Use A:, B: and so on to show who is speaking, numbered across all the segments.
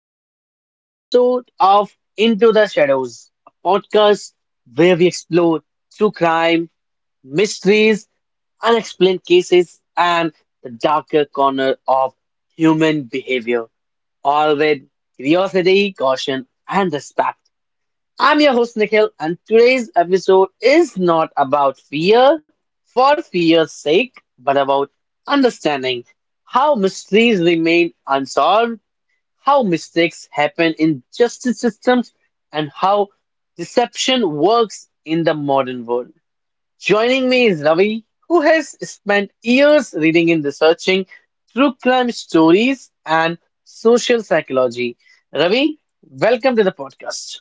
A: brand new episode of Into the Shadows, a podcast where we explore true crime, mysteries, unexplained cases, and the darker corner of human behavior, all with curiosity, caution, and respect. I'm your host Nikhil, and today's episode is not about fear for fear's sake, but about understanding how mysteries remain unsolved, how mistakes happen in justice systems, and how deception works in the modern world. Joining me is Ravi, who has spent years reading and researching true crime stories and social psychology. Ravi, welcome to the podcast.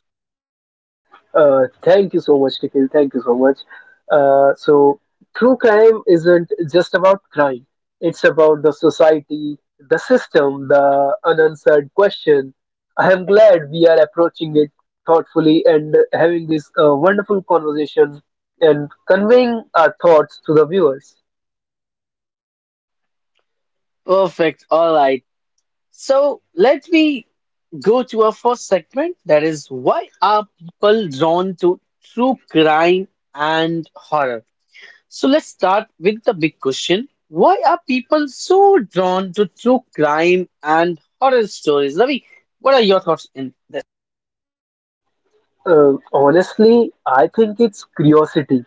B: Thank you so much, Nikhil. Thank you so much. Uh, so, True crime isn't just about crime, it's about the society, the system, the unanswered question. I am glad we are approaching it thoughtfully and having this wonderful conversation and conveying our thoughts to the viewers.
A: Perfect. All right. So let me go to our first segment. That is, why are people drawn to true crime and horror? So let's start with the big question. Why are people so drawn to true crime and horror stories? Ravi, what are your thoughts in?
B: Honestly, I think it's curiosity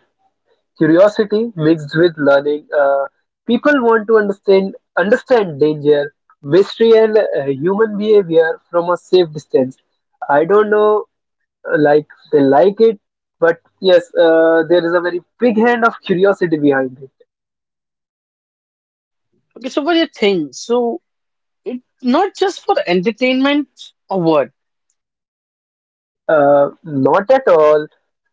B: Curiosity mixed with learning. People want to understand danger, mystery, and human behavior from a safe distance. I don't know, like they like it, but yes, there is a very big hand of curiosity behind it.
A: Okay, so what do you think? So it's not just for entertainment or what?
B: Not at all.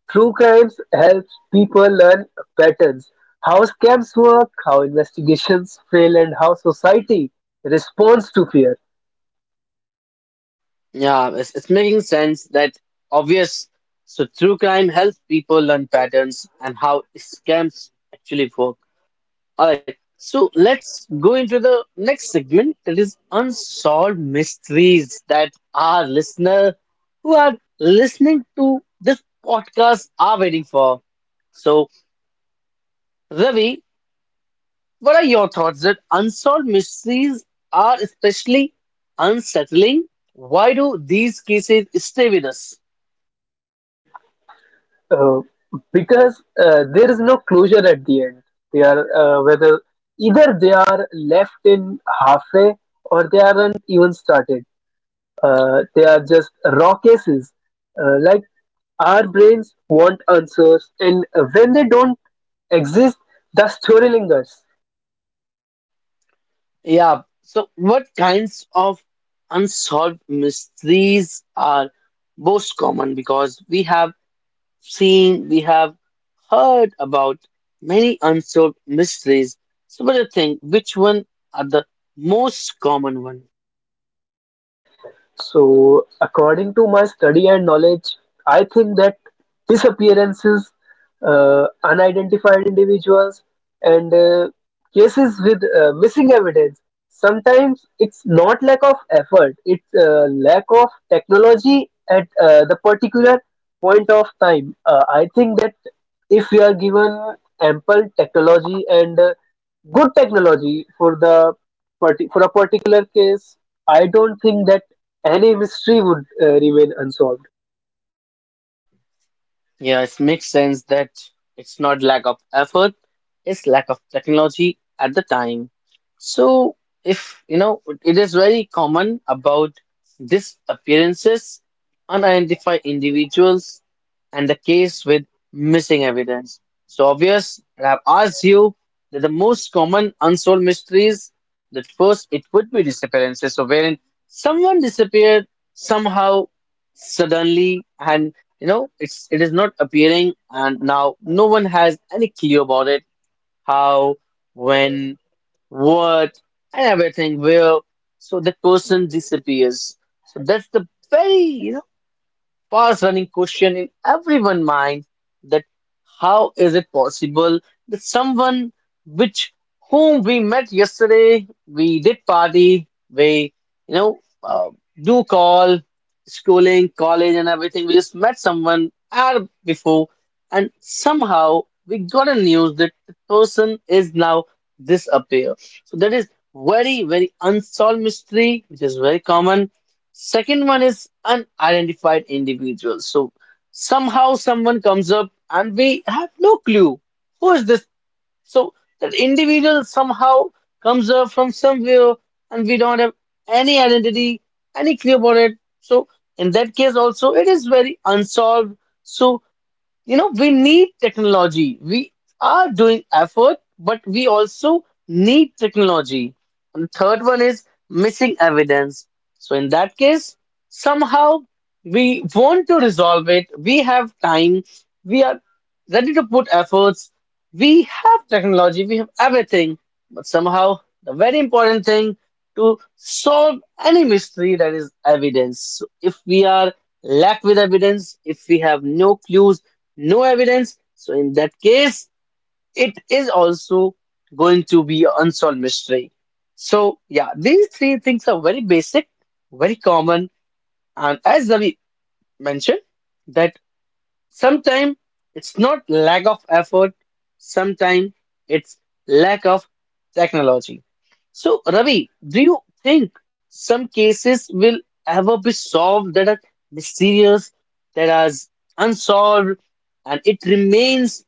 B: True crimes helps people learn patterns, how scams work, how investigations fail, and how society responds to fear.
A: Yeah, it's making sense, that obvious. So true crime helps people learn patterns and how scams actually work. All right, so let's go into the next segment, that is unsolved mysteries, that our listener who are listening to this podcast are waiting for. So, Ravi, what are your thoughts that unsolved mysteries are especially unsettling? Why do these cases stay with us?
B: Uh, because there is no closure at the end. They are, whether either they are left in halfway or they aren't even started. They are just raw cases. Like our brains want answers, and when they don't exist, the story lingers.
A: Yeah. So, what kinds of unsolved mysteries are most common? Because we have heard about many unsolved mysteries. So, what do you think? Which one are the most common one?
B: So, according to my study and knowledge, I think that disappearances, unidentified individuals, and cases with missing evidence. Sometimes it's not lack of effort, it's lack of technology at the particular point of time. I think that if we are given ample technology and good technology for the for a particular case, I don't think that any mystery would remain unsolved.
A: Yeah, it makes sense that it's not lack of effort, it's lack of technology at the time. So, if you know, it is very common about disappearances, unidentified individuals, and the case with missing evidence. So obvious, I've asked you that the most common unsolved mysteries, that first it would be disappearances. So wherein someone disappeared somehow suddenly and. You know, it is not appearing, and now no one has any clue about it. How, when, what, and everything, where. So the person disappears. So that's the very, you know, fast running question in everyone's mind, that how is it possible that someone, which whom we met yesterday, we did party, we, you know, uh, do call, schooling, college, and everything, we just met someone hour before, and somehow we got a news that the person is now disappear. So that is very very unsolved mystery, which is very common. Second one is unidentified individuals. So somehow someone comes up and we have no clue who is this. So that individual somehow comes up from somewhere, and we don't have any identity, any clue about it. So in that case also it is very unsolved. So you know, we need technology, we are doing effort, but we also need technology. And the third one is missing evidence. So in that case, somehow we want to resolve it, we have time, we are ready to put efforts, we have technology, we have everything, but somehow the very important thing to solve any mystery, that is evidence. So if we are lack with evidence, if we have no clues, no evidence. So in that case, it is also going to be an unsolved mystery. So yeah, these three things are very basic, very common, and as Ravi mentioned, that sometimes it's not lack of effort, sometimes it's lack of technology. So Ravi, do you think some cases will ever be solved, that are mysterious, that are unsolved, and it remains?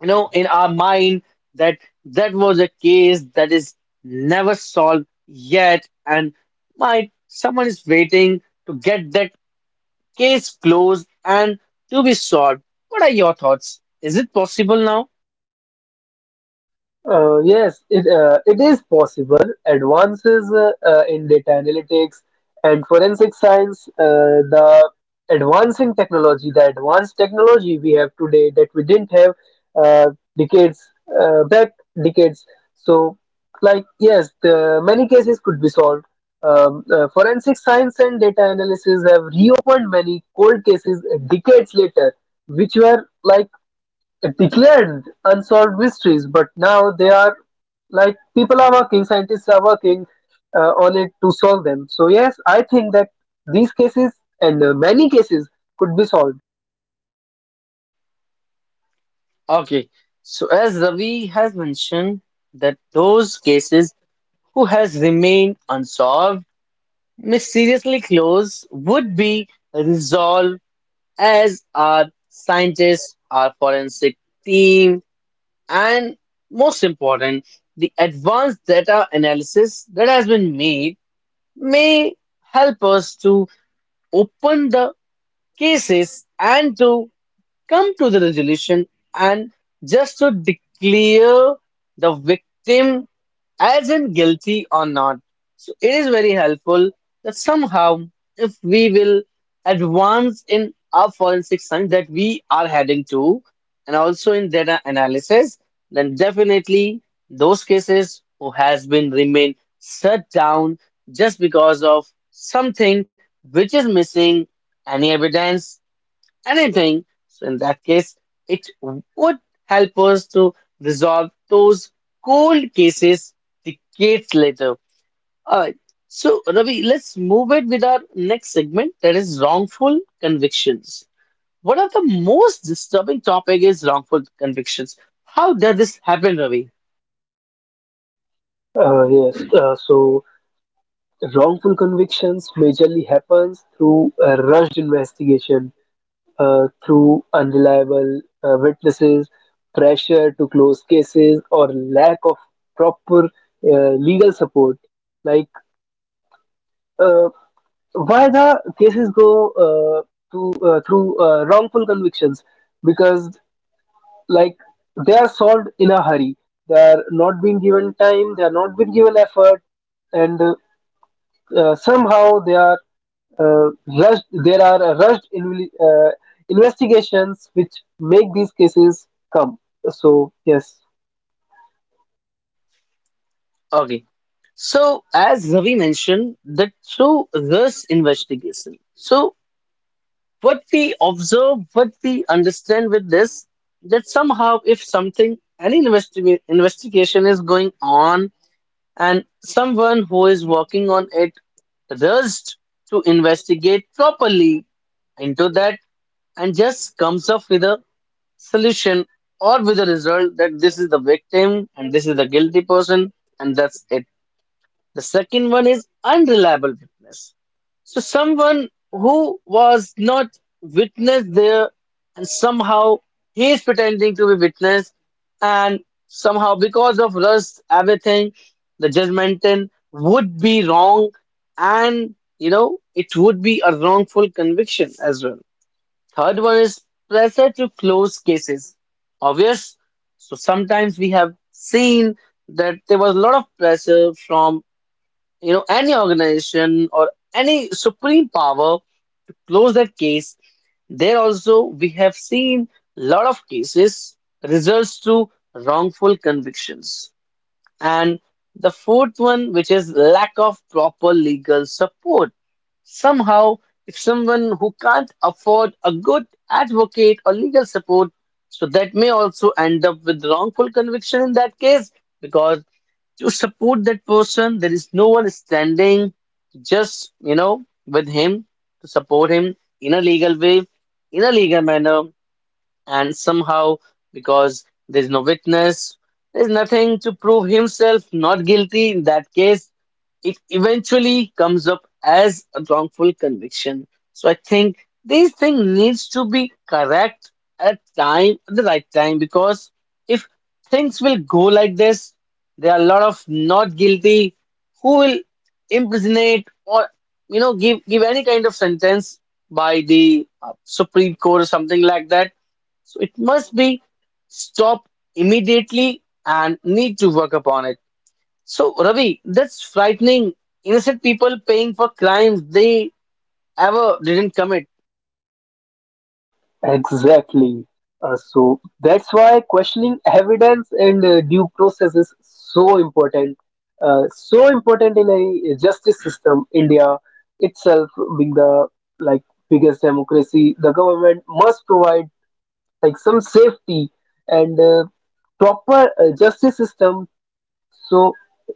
A: You know, in our mind, that that was a case that is never solved yet, and might someone is waiting to get that case closed and to be solved. What are your thoughts? Is it possible now?
B: Yes, it is possible. Advances in data analytics and forensic science, the advancing technology, the advanced technology we have today that we didn't have uh, decades back, decades. So, like yes, the many cases could be solved. Forensic science and data analysis have reopened many cold cases decades later, which were like declared unsolved mysteries, but now they are like people are working, scientists are working on it to solve them. So yes, I think that these cases and many cases could be solved.
A: Okay, so as Ravi has mentioned, that those cases who has remained unsolved, mysteriously closed, would be resolved, as our scientists, our forensic team, and most important, the advanced data analysis that has been made, may help us to open the cases and to come to the resolution, and just to declare the victim as in guilty or not. So it is very helpful that somehow, if we will advance in our forensic science that we are heading to, and also in data analysis, then definitely those cases who has been remain shut down just because of something which is missing, any evidence, anything. So, in that case, it would help us to resolve those cold cases decades later. All right. So, Ravi, let's move it with our next segment, that is wrongful convictions. One of the most disturbing topic is wrongful convictions. How does this happen, Ravi?
B: Yes, so wrongful convictions majorly happens through a rushed investigation, through unreliable witnesses, pressure to close cases, or lack of proper legal support. Like uh, why the cases go to through wrongful convictions, because like they are solved in a hurry, they are not being given time, they are not being given effort, and somehow they are uh, rushed. There are rushed in, investigations which make these cases come. So yes.
A: Okay. So, as Ravi mentioned, that through this investigation, so what we observe, what we understand with this, that somehow if something, any investigation is going on, and someone who is working on it rushed to investigate properly into that, and just comes up with a solution or with a result that this is the victim and this is the guilty person, and that's it. The second one is unreliable witness, so someone who was not witness there, and somehow he is pretending to be witness, and somehow because of lust, everything, the judgmental would be wrong, and you know, it would be a wrongful conviction as well. Third one is pressure to close cases. Obvious. So sometimes we have seen that there was a lot of pressure from, you know, any organization or any supreme power to close that case. There also we have seen a lot of cases results to wrongful convictions. And the fourth one, which is lack of proper legal support. Somehow, if someone who can't afford a good advocate or legal support, so that may also end up with wrongful conviction in that case, because to support that person, there is no one standing just, you know, with him, to support him in a legal way, in a legal manner, and somehow because there's no witness, there's nothing to prove himself not guilty. In that case, it eventually comes up as a wrongful conviction. So I think these things needs to be correct at time, at the right time, because if things will go like this, there are a lot of not guilty who will imprisonate, or you know, give any kind of sentence by the supreme court or something like that. So it must be stopped immediately and need to work upon it. So, Ravi, that's frightening. Innocent people paying for crimes they ever didn't commit.
B: Exactly. So that's why questioning evidence and due process is so important. So important in a justice system. India itself being the like biggest democracy, the government must provide like some safety and proper justice system, so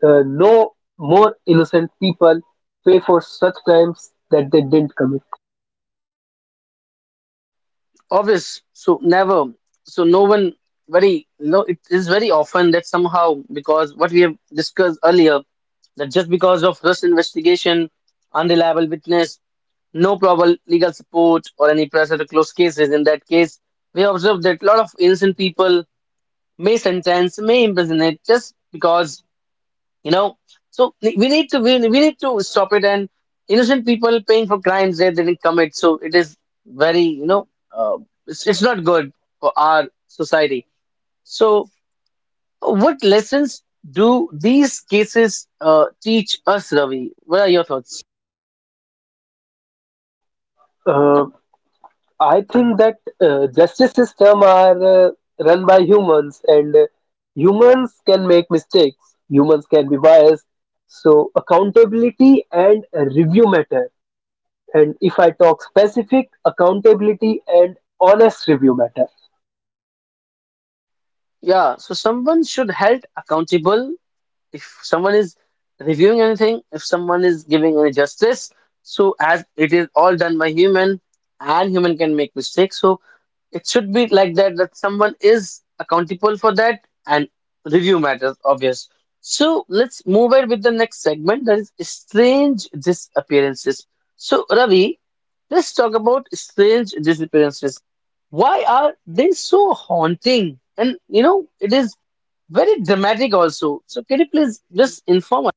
B: no more innocent people pay for such crimes that they didn't commit.
A: Obvious. So, never. So, no one, very, you know, it is very often that somehow, because what we have discussed earlier, that just because of this investigation, unreliable witness, no proper legal support, or any pressure to close cases, in that case, we observe that a lot of innocent people may sentence, may imprison it, just because, you know. So we need to, we need to stop it, and innocent people paying for crimes they didn't commit, so it is very, you know, it's not good for our society. So what lessons do these cases teach us, Ravi? What are your thoughts?
B: Uh, I think that justice system are run by humans, and humans can make mistakes. Humans can be biased. So accountability and review matter. And if I talk specific, accountability and honest review matter.
A: Yeah, so someone should held accountable. If someone is reviewing anything, if someone is giving any justice, so as it is all done by human and human can make mistakes, so it should be like that, that someone is accountable for that, and review matters, obvious. So let's move ahead with the next segment, that is strange disappearances. So Ravi, let's talk about strange disappearances. Why are they so haunting? And you know, it is very dramatic also. So can you please just inform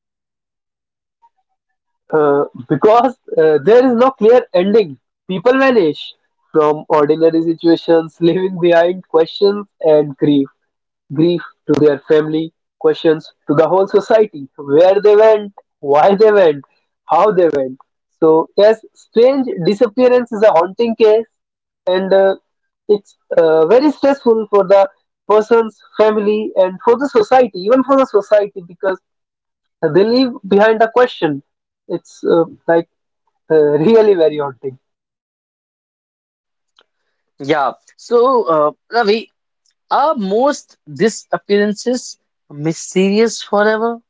B: Because there is no clear ending. People vanish from ordinary situations, leaving behind questions and grief. Grief to their family, questions to the whole society, where they went, why they went, how they went. So yes, strange disappearance is a haunting case, and it's very stressful for the person's family and for the society, even for the society, because they leave behind a question. It's like really very haunting.
A: us? Yeah. So Ravi, are most these appearances mysterious forever?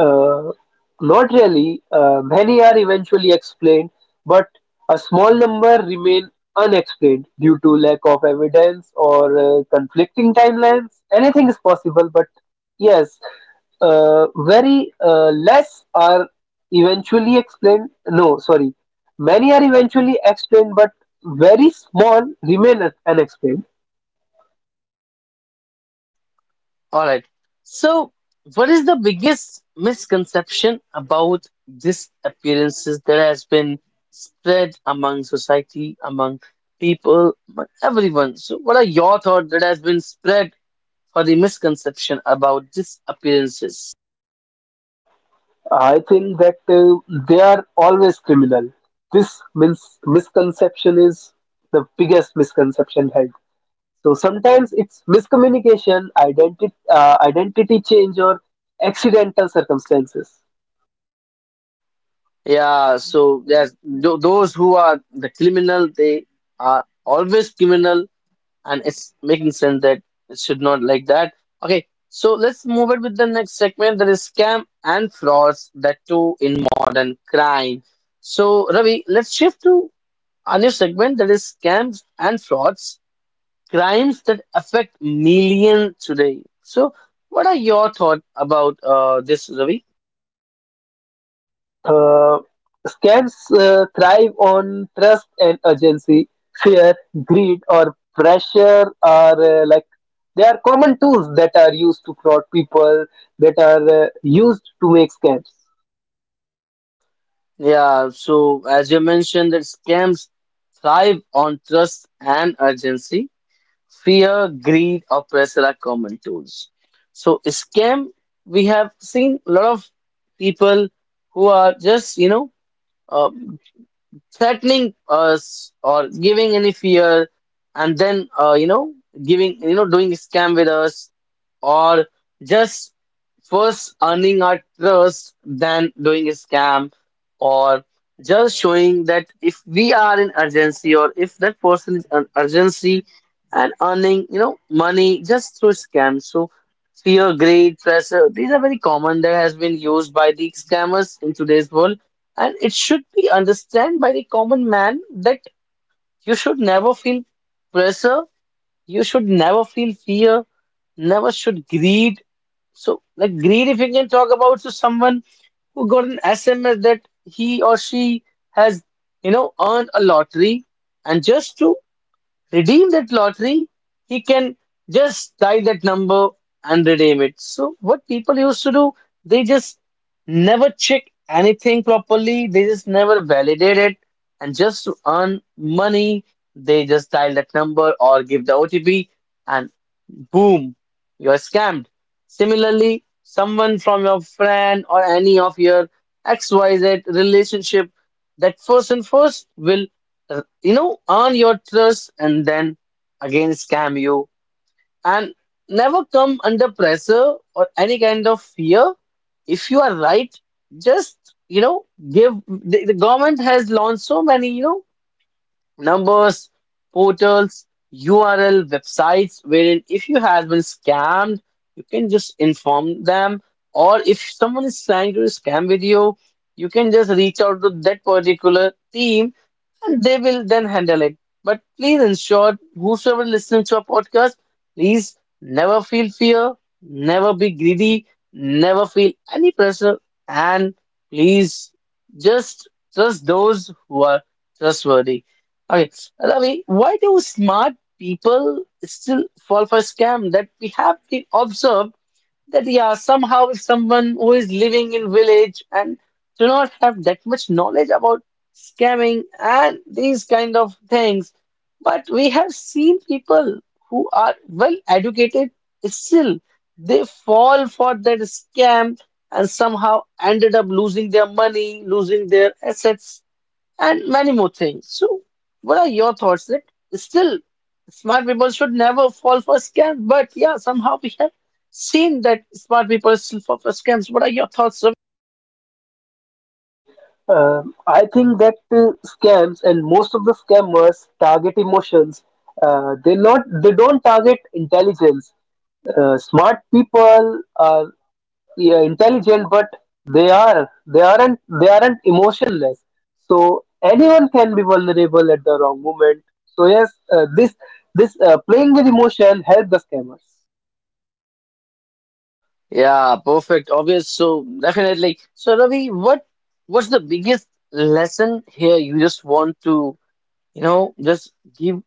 B: Uh, Not really. Many are eventually explained, but a small number remain unexplained due to lack of evidence or conflicting timelines. Anything is possible, but yes, very less are eventually explained. No, sorry. Many are eventually explained, but very small remain unexplained.
A: All right. So what is the biggest misconception about these appearances that has been spread among society, among people, among everyone? So what are your thoughts that has been spread for the misconception about these appearances?
B: I think that they are always criminal. This misconception is the biggest misconception held. So sometimes it's miscommunication, identity change, or accidental circumstances.
A: Yeah, so there's those who are the criminal, they are always criminal, and it's making sense that it should not like that. Okay, so let's move it with the next segment, that is scam and frauds, that too in modern crime. So, Ravi, let's shift to a new segment, that is scams and frauds, crimes that affect millions today. So, what are your thoughts about this, Ravi?
B: Uh, Scams thrive on trust and urgency. Fear, greed, or pressure are like they are common tools that are used to fraud people, that are used to make scams.
A: Yeah, so as you mentioned, that scams thrive on trust and urgency. Fear, greed, or pressure are common tools. So, scam, we have seen a lot of people who are just, uh, threatening us or giving any fear, and then giving, doing scam with us, or just first earning our trust then doing a scam, or just showing that if we are in urgency or if that person is in urgency, and earning, money just through scam. So fear, greed, pressure, these are very common that has been used by the scammers in today's world, and it should be understood by the common man that you should never feel pressure, you should never feel fear, never should greed. So, like greed, if you can talk about to someone who got an SMS that he or she has, earned a lottery, and just to redeem that lottery, he can just tie that number and redeem it. So, what people used to do, they just never check anything properly, they just never validate it, and just to earn money, they just dial that number or give the OTP, and boom, you're scammed. Similarly, someone from your friend or any of your XYZ relationship, that person first will, earn your trust and then again scam you, and never come under pressure or any kind of fear. If you are right, just you know, give the government has launched so many, numbers, portals, URL, websites wherein if you have been scammed, you can just inform them, or if someone is trying to scam with you, you can just reach out to that particular team and they will then handle it. But please ensure whosoever listens to our podcast, please never feel fear, never be greedy, never feel any pressure, and please just trust those who are trustworthy. Okay, Ravi, why do smart people still fall for scam? That we have been observed that, yeah, somehow if someone who is living in village and do not have that much knowledge about scamming and these kind of things, but we have seen people who are well educated still they fall for that scam and somehow ended up losing their money, losing their assets, and many more things. So, what are your thoughts that still, smart people should never fall for scams, but yeah, somehow we have seen that smart people still fall for scams. What are your thoughts, Ravi?
B: I think that scams and most of the scammers target emotions. They don't target intelligence. Smart people are yeah, intelligent, but they aren't emotionless. So anyone can be vulnerable at the wrong moment. So yes, this playing with emotion helps the scammers.
A: Yeah, perfect, obvious. So definitely. So Ravi, what's the biggest lesson here? You just want to, just give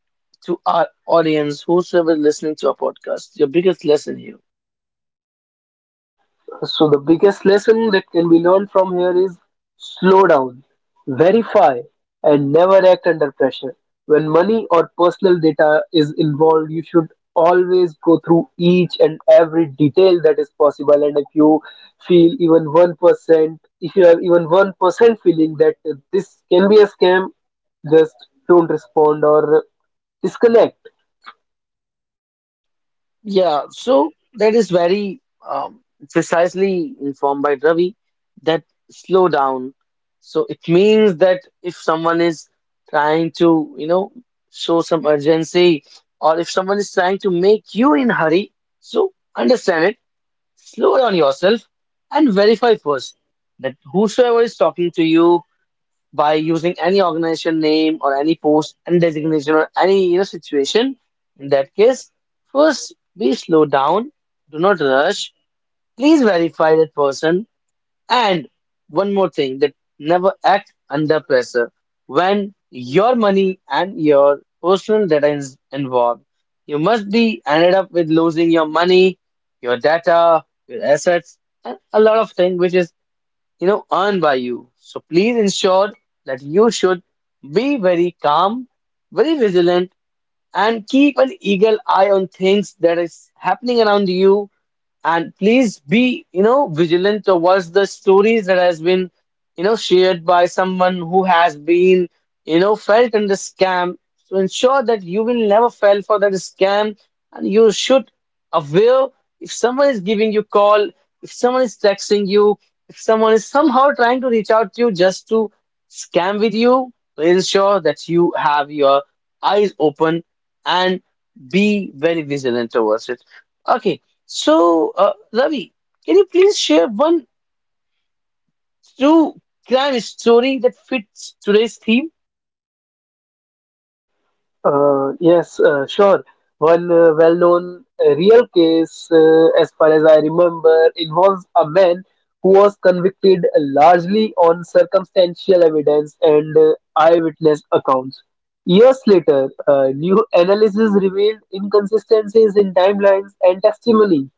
A: to our audience, whosoever listening to our podcast, your biggest lesson here.
B: So the biggest lesson that can be learned from here is slow down, verify, and never act under pressure. When money or personal data is involved, you should always go through each and every detail that is possible. And if you feel even 1%, if you have even 1% feeling that this can be a scam, just don't respond or disconnect.
A: Yeah, so that is very um, precisely informed by Ravi that slow down. So it means that if someone is trying to, show some urgency, or if someone is trying to make you in hurry, so understand it, slow down yourself and verify first that whosoever is talking to you by using any organization name or any post and designation or any, situation, in that case first be slow down, do not rush, please verify that person. And one more thing, that never act under pressure when your money and your personal data is involved, you must be ended up with losing your money, your data, your assets, and a lot of things which is, earned by you. So please ensure that you should be very calm, very vigilant, and keep an eagle eye on things that is happening around you, and please be, vigilant towards the stories that has been, shared by someone who has been, felt in the scam. So ensure that you will never fall for that scam and you should aware if someone is giving you call, if someone is texting you, if someone is somehow trying to reach out to you just to scam with you, ensure that you have your eyes open and be very vigilant towards it. Okay, so, Ravi, can you please share one true crime story that fits today's theme?
B: Yes, sure. One well-known real case, as far as I remember, involves a man who was convicted largely on circumstantial evidence and eyewitness accounts. Years later, new analysis revealed inconsistencies in timelines and testimony.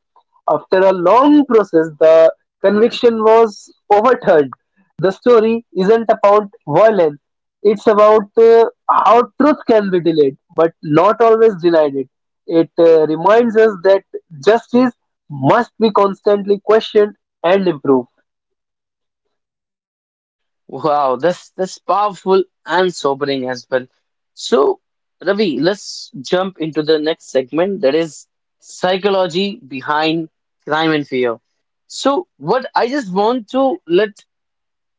B: After a long process, the conviction was overturned. The story isn't about violence, it's about how truth can be delayed but not always denied it. It reminds us that justice must be constantly questioned and improved.
A: Wow, that's powerful and sobering as well. So, Ravi, let's jump into the next segment that is psychology behind crime and fear. So, what I just want to let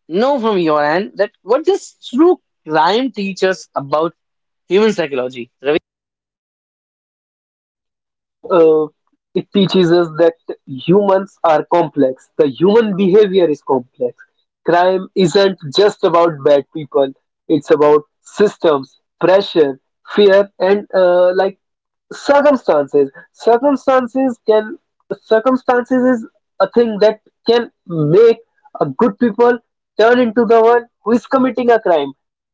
A: know from your end, that what does true crime teach us about human psychology?
B: uh, it teaches us that humans are complex. The human behavior is complex. Crime isn't just about bad people. It's about systems, pressure, fear, and like circumstances. Circumstances can circumstances is a thing that can make a good people turn into the one who is committing a crime,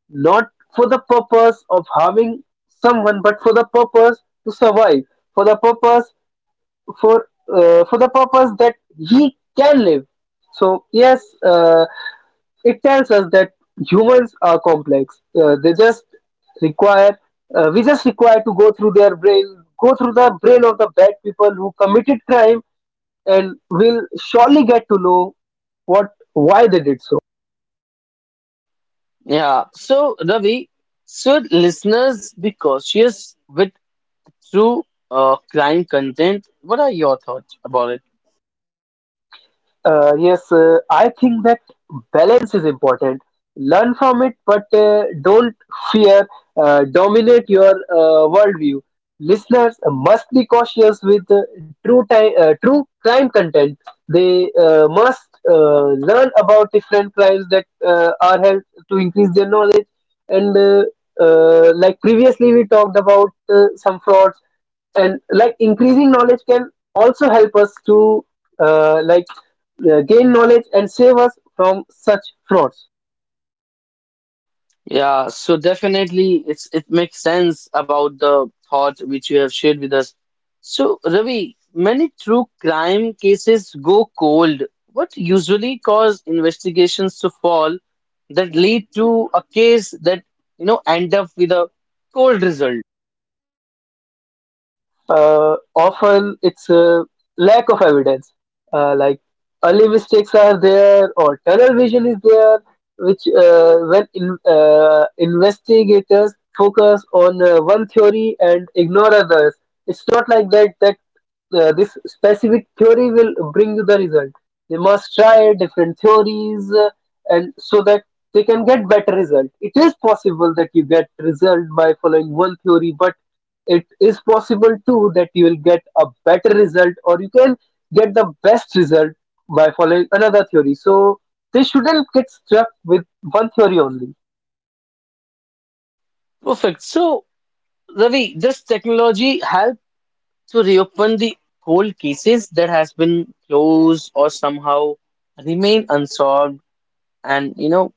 B: not for the purpose of harming someone, but for the purpose to survive, for the purpose for for the purpose that he can live. So yes, it tells us that humans are complex. Uh, they just require uh, we just require to go through the brain of the bad people who committed crime, and will surely get to know what why they did so.
A: Yeah. So, Ravi, should listeners be cautious with true crime content? What are your thoughts about it?
B: Yes, I think that balance is important. Learn from it, but don't fear dominate your worldview. Listeners must be cautious with true crime content. They must learn about different crimes that are held to increase their knowledge. And like previously, we talked about some frauds, and like increasing knowledge can also help us to like gain knowledge and save us from such frauds.
A: Yeah. So definitely, it's, it makes sense about the thought which you have shared with us. So, Ravi, many true crime cases go cold. What usually cause investigations to fall, that lead to a case that, end up with a cold result?
B: Often it's a lack of evidence. Like early mistakes are there, or tunnel vision is there, which when in, investigators focus on one theory and ignore others, it's not like that. That this specific theory will bring you the result. They must try different theories, and so that they can get better result. It is possible that you get result by following one theory, but it is possible too that you will get a better result, or you can get the best result by following another theory. So they shouldn't get stuck with one theory only.
A: Perfect. So, Ravi, does technology help to reopen the cold cases that has been closed or somehow remain unsolved, and,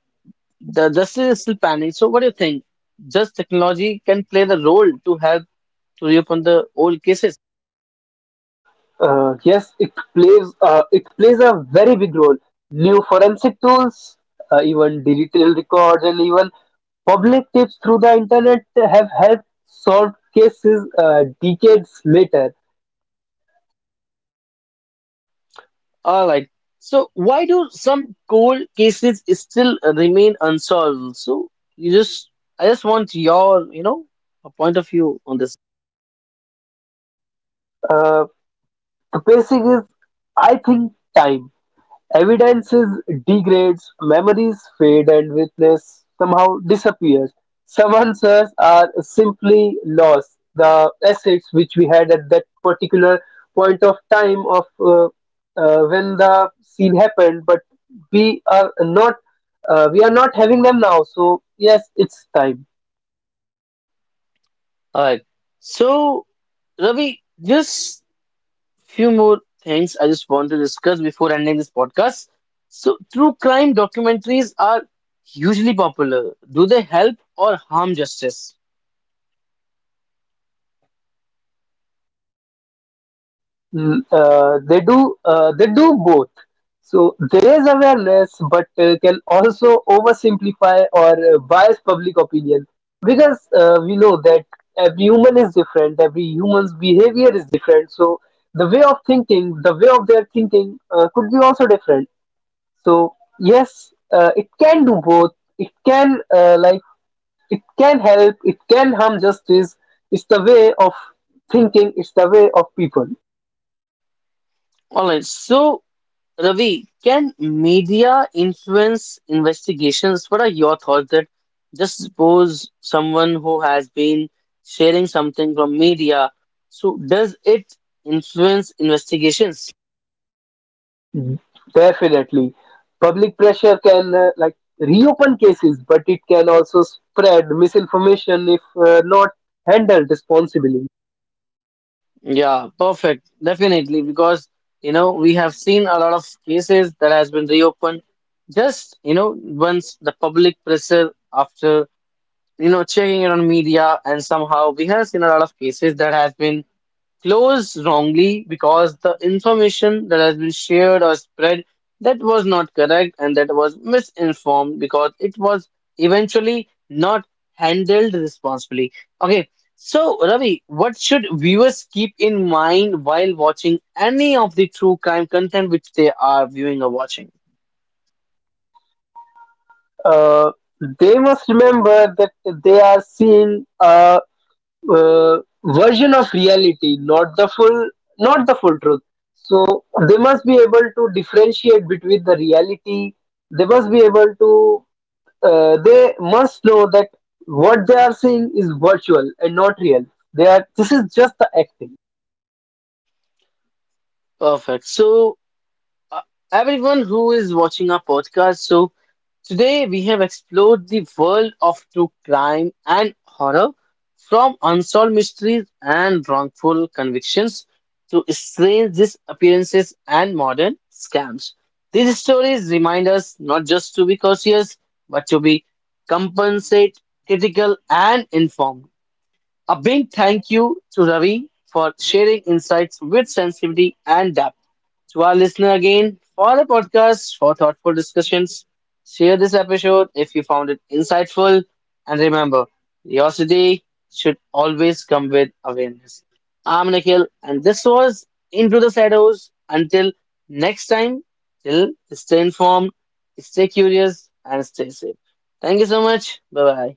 A: the justice is still pending. So what do you think? Just technology can play the role to help to reopen the old cases.
B: Yes, it plays a very big role. New forensic tools, even digital records and even public tips through the internet have helped solve cases decades later.
A: All right. So why do some cold cases still remain unsolved? So you just, I just want your, a point of view on this.
B: uh, the basic is, I think, time. Evidences degrades, memories fade and witness somehow disappears. Some answers are simply lost. The assets which we had at that particular point of time of, when the scene happened, but we are not we are not having them now. So yes, it's time.
A: All right. So Ravi, just few more things I just want to discuss before ending this podcast. So, true crime documentaries are hugely popular. Do they help or harm justice?
B: They do both. So there is awareness, but can also oversimplify or bias public opinion, because we know that every human is different, every human's behavior is different. So the way of their thinking could be also different. So yes, it can do both. It can like it can help, it can harm justice. It's the way of thinking, it's the way of people.
A: All right. So, Ravi, can media influence investigations? What are your thoughts that just suppose someone who has been sharing something from media, so does it influence investigations?
B: Definitely. Public pressure can like reopen cases, but it can also spread misinformation if not handled responsibly.
A: Yeah, perfect. Definitely, because, we have seen a lot of cases that has been reopened just, once the public pressure after, checking it on media, and somehow we have seen a lot of cases that has been close wrongly because the information that has been shared or spread that was not correct, and that was misinformed because it was eventually not handled responsibly. Okay, so Ravi, what should viewers keep in mind while watching any of the true crime content which they are viewing or watching?
B: Uh, they must remember that they are seeing a uh, version of reality, not the full, not the full truth. So they must be able to differentiate between the reality. They must be able to They must know that what they are seeing is virtual and not real. They are this is just the acting.
A: Perfect. So, uh, everyone who is watching our podcast, so today, we have explored the world of true crime and horror, from unsolved mysteries and wrongful convictions to strange disappearances and modern scams. These stories remind us not just to be cautious, but to be compensate, critical, and informed. A big thank you to Ravi for sharing insights with sensitivity and depth. To our listener again, for the podcast, for thoughtful discussions, share this episode if you found it insightful. And remember, curiosity should always come with awareness. I'm Nikhil, and this was Into the Shadows. Until next time, till stay informed, stay curious, and stay safe. Thank you so much. Bye bye.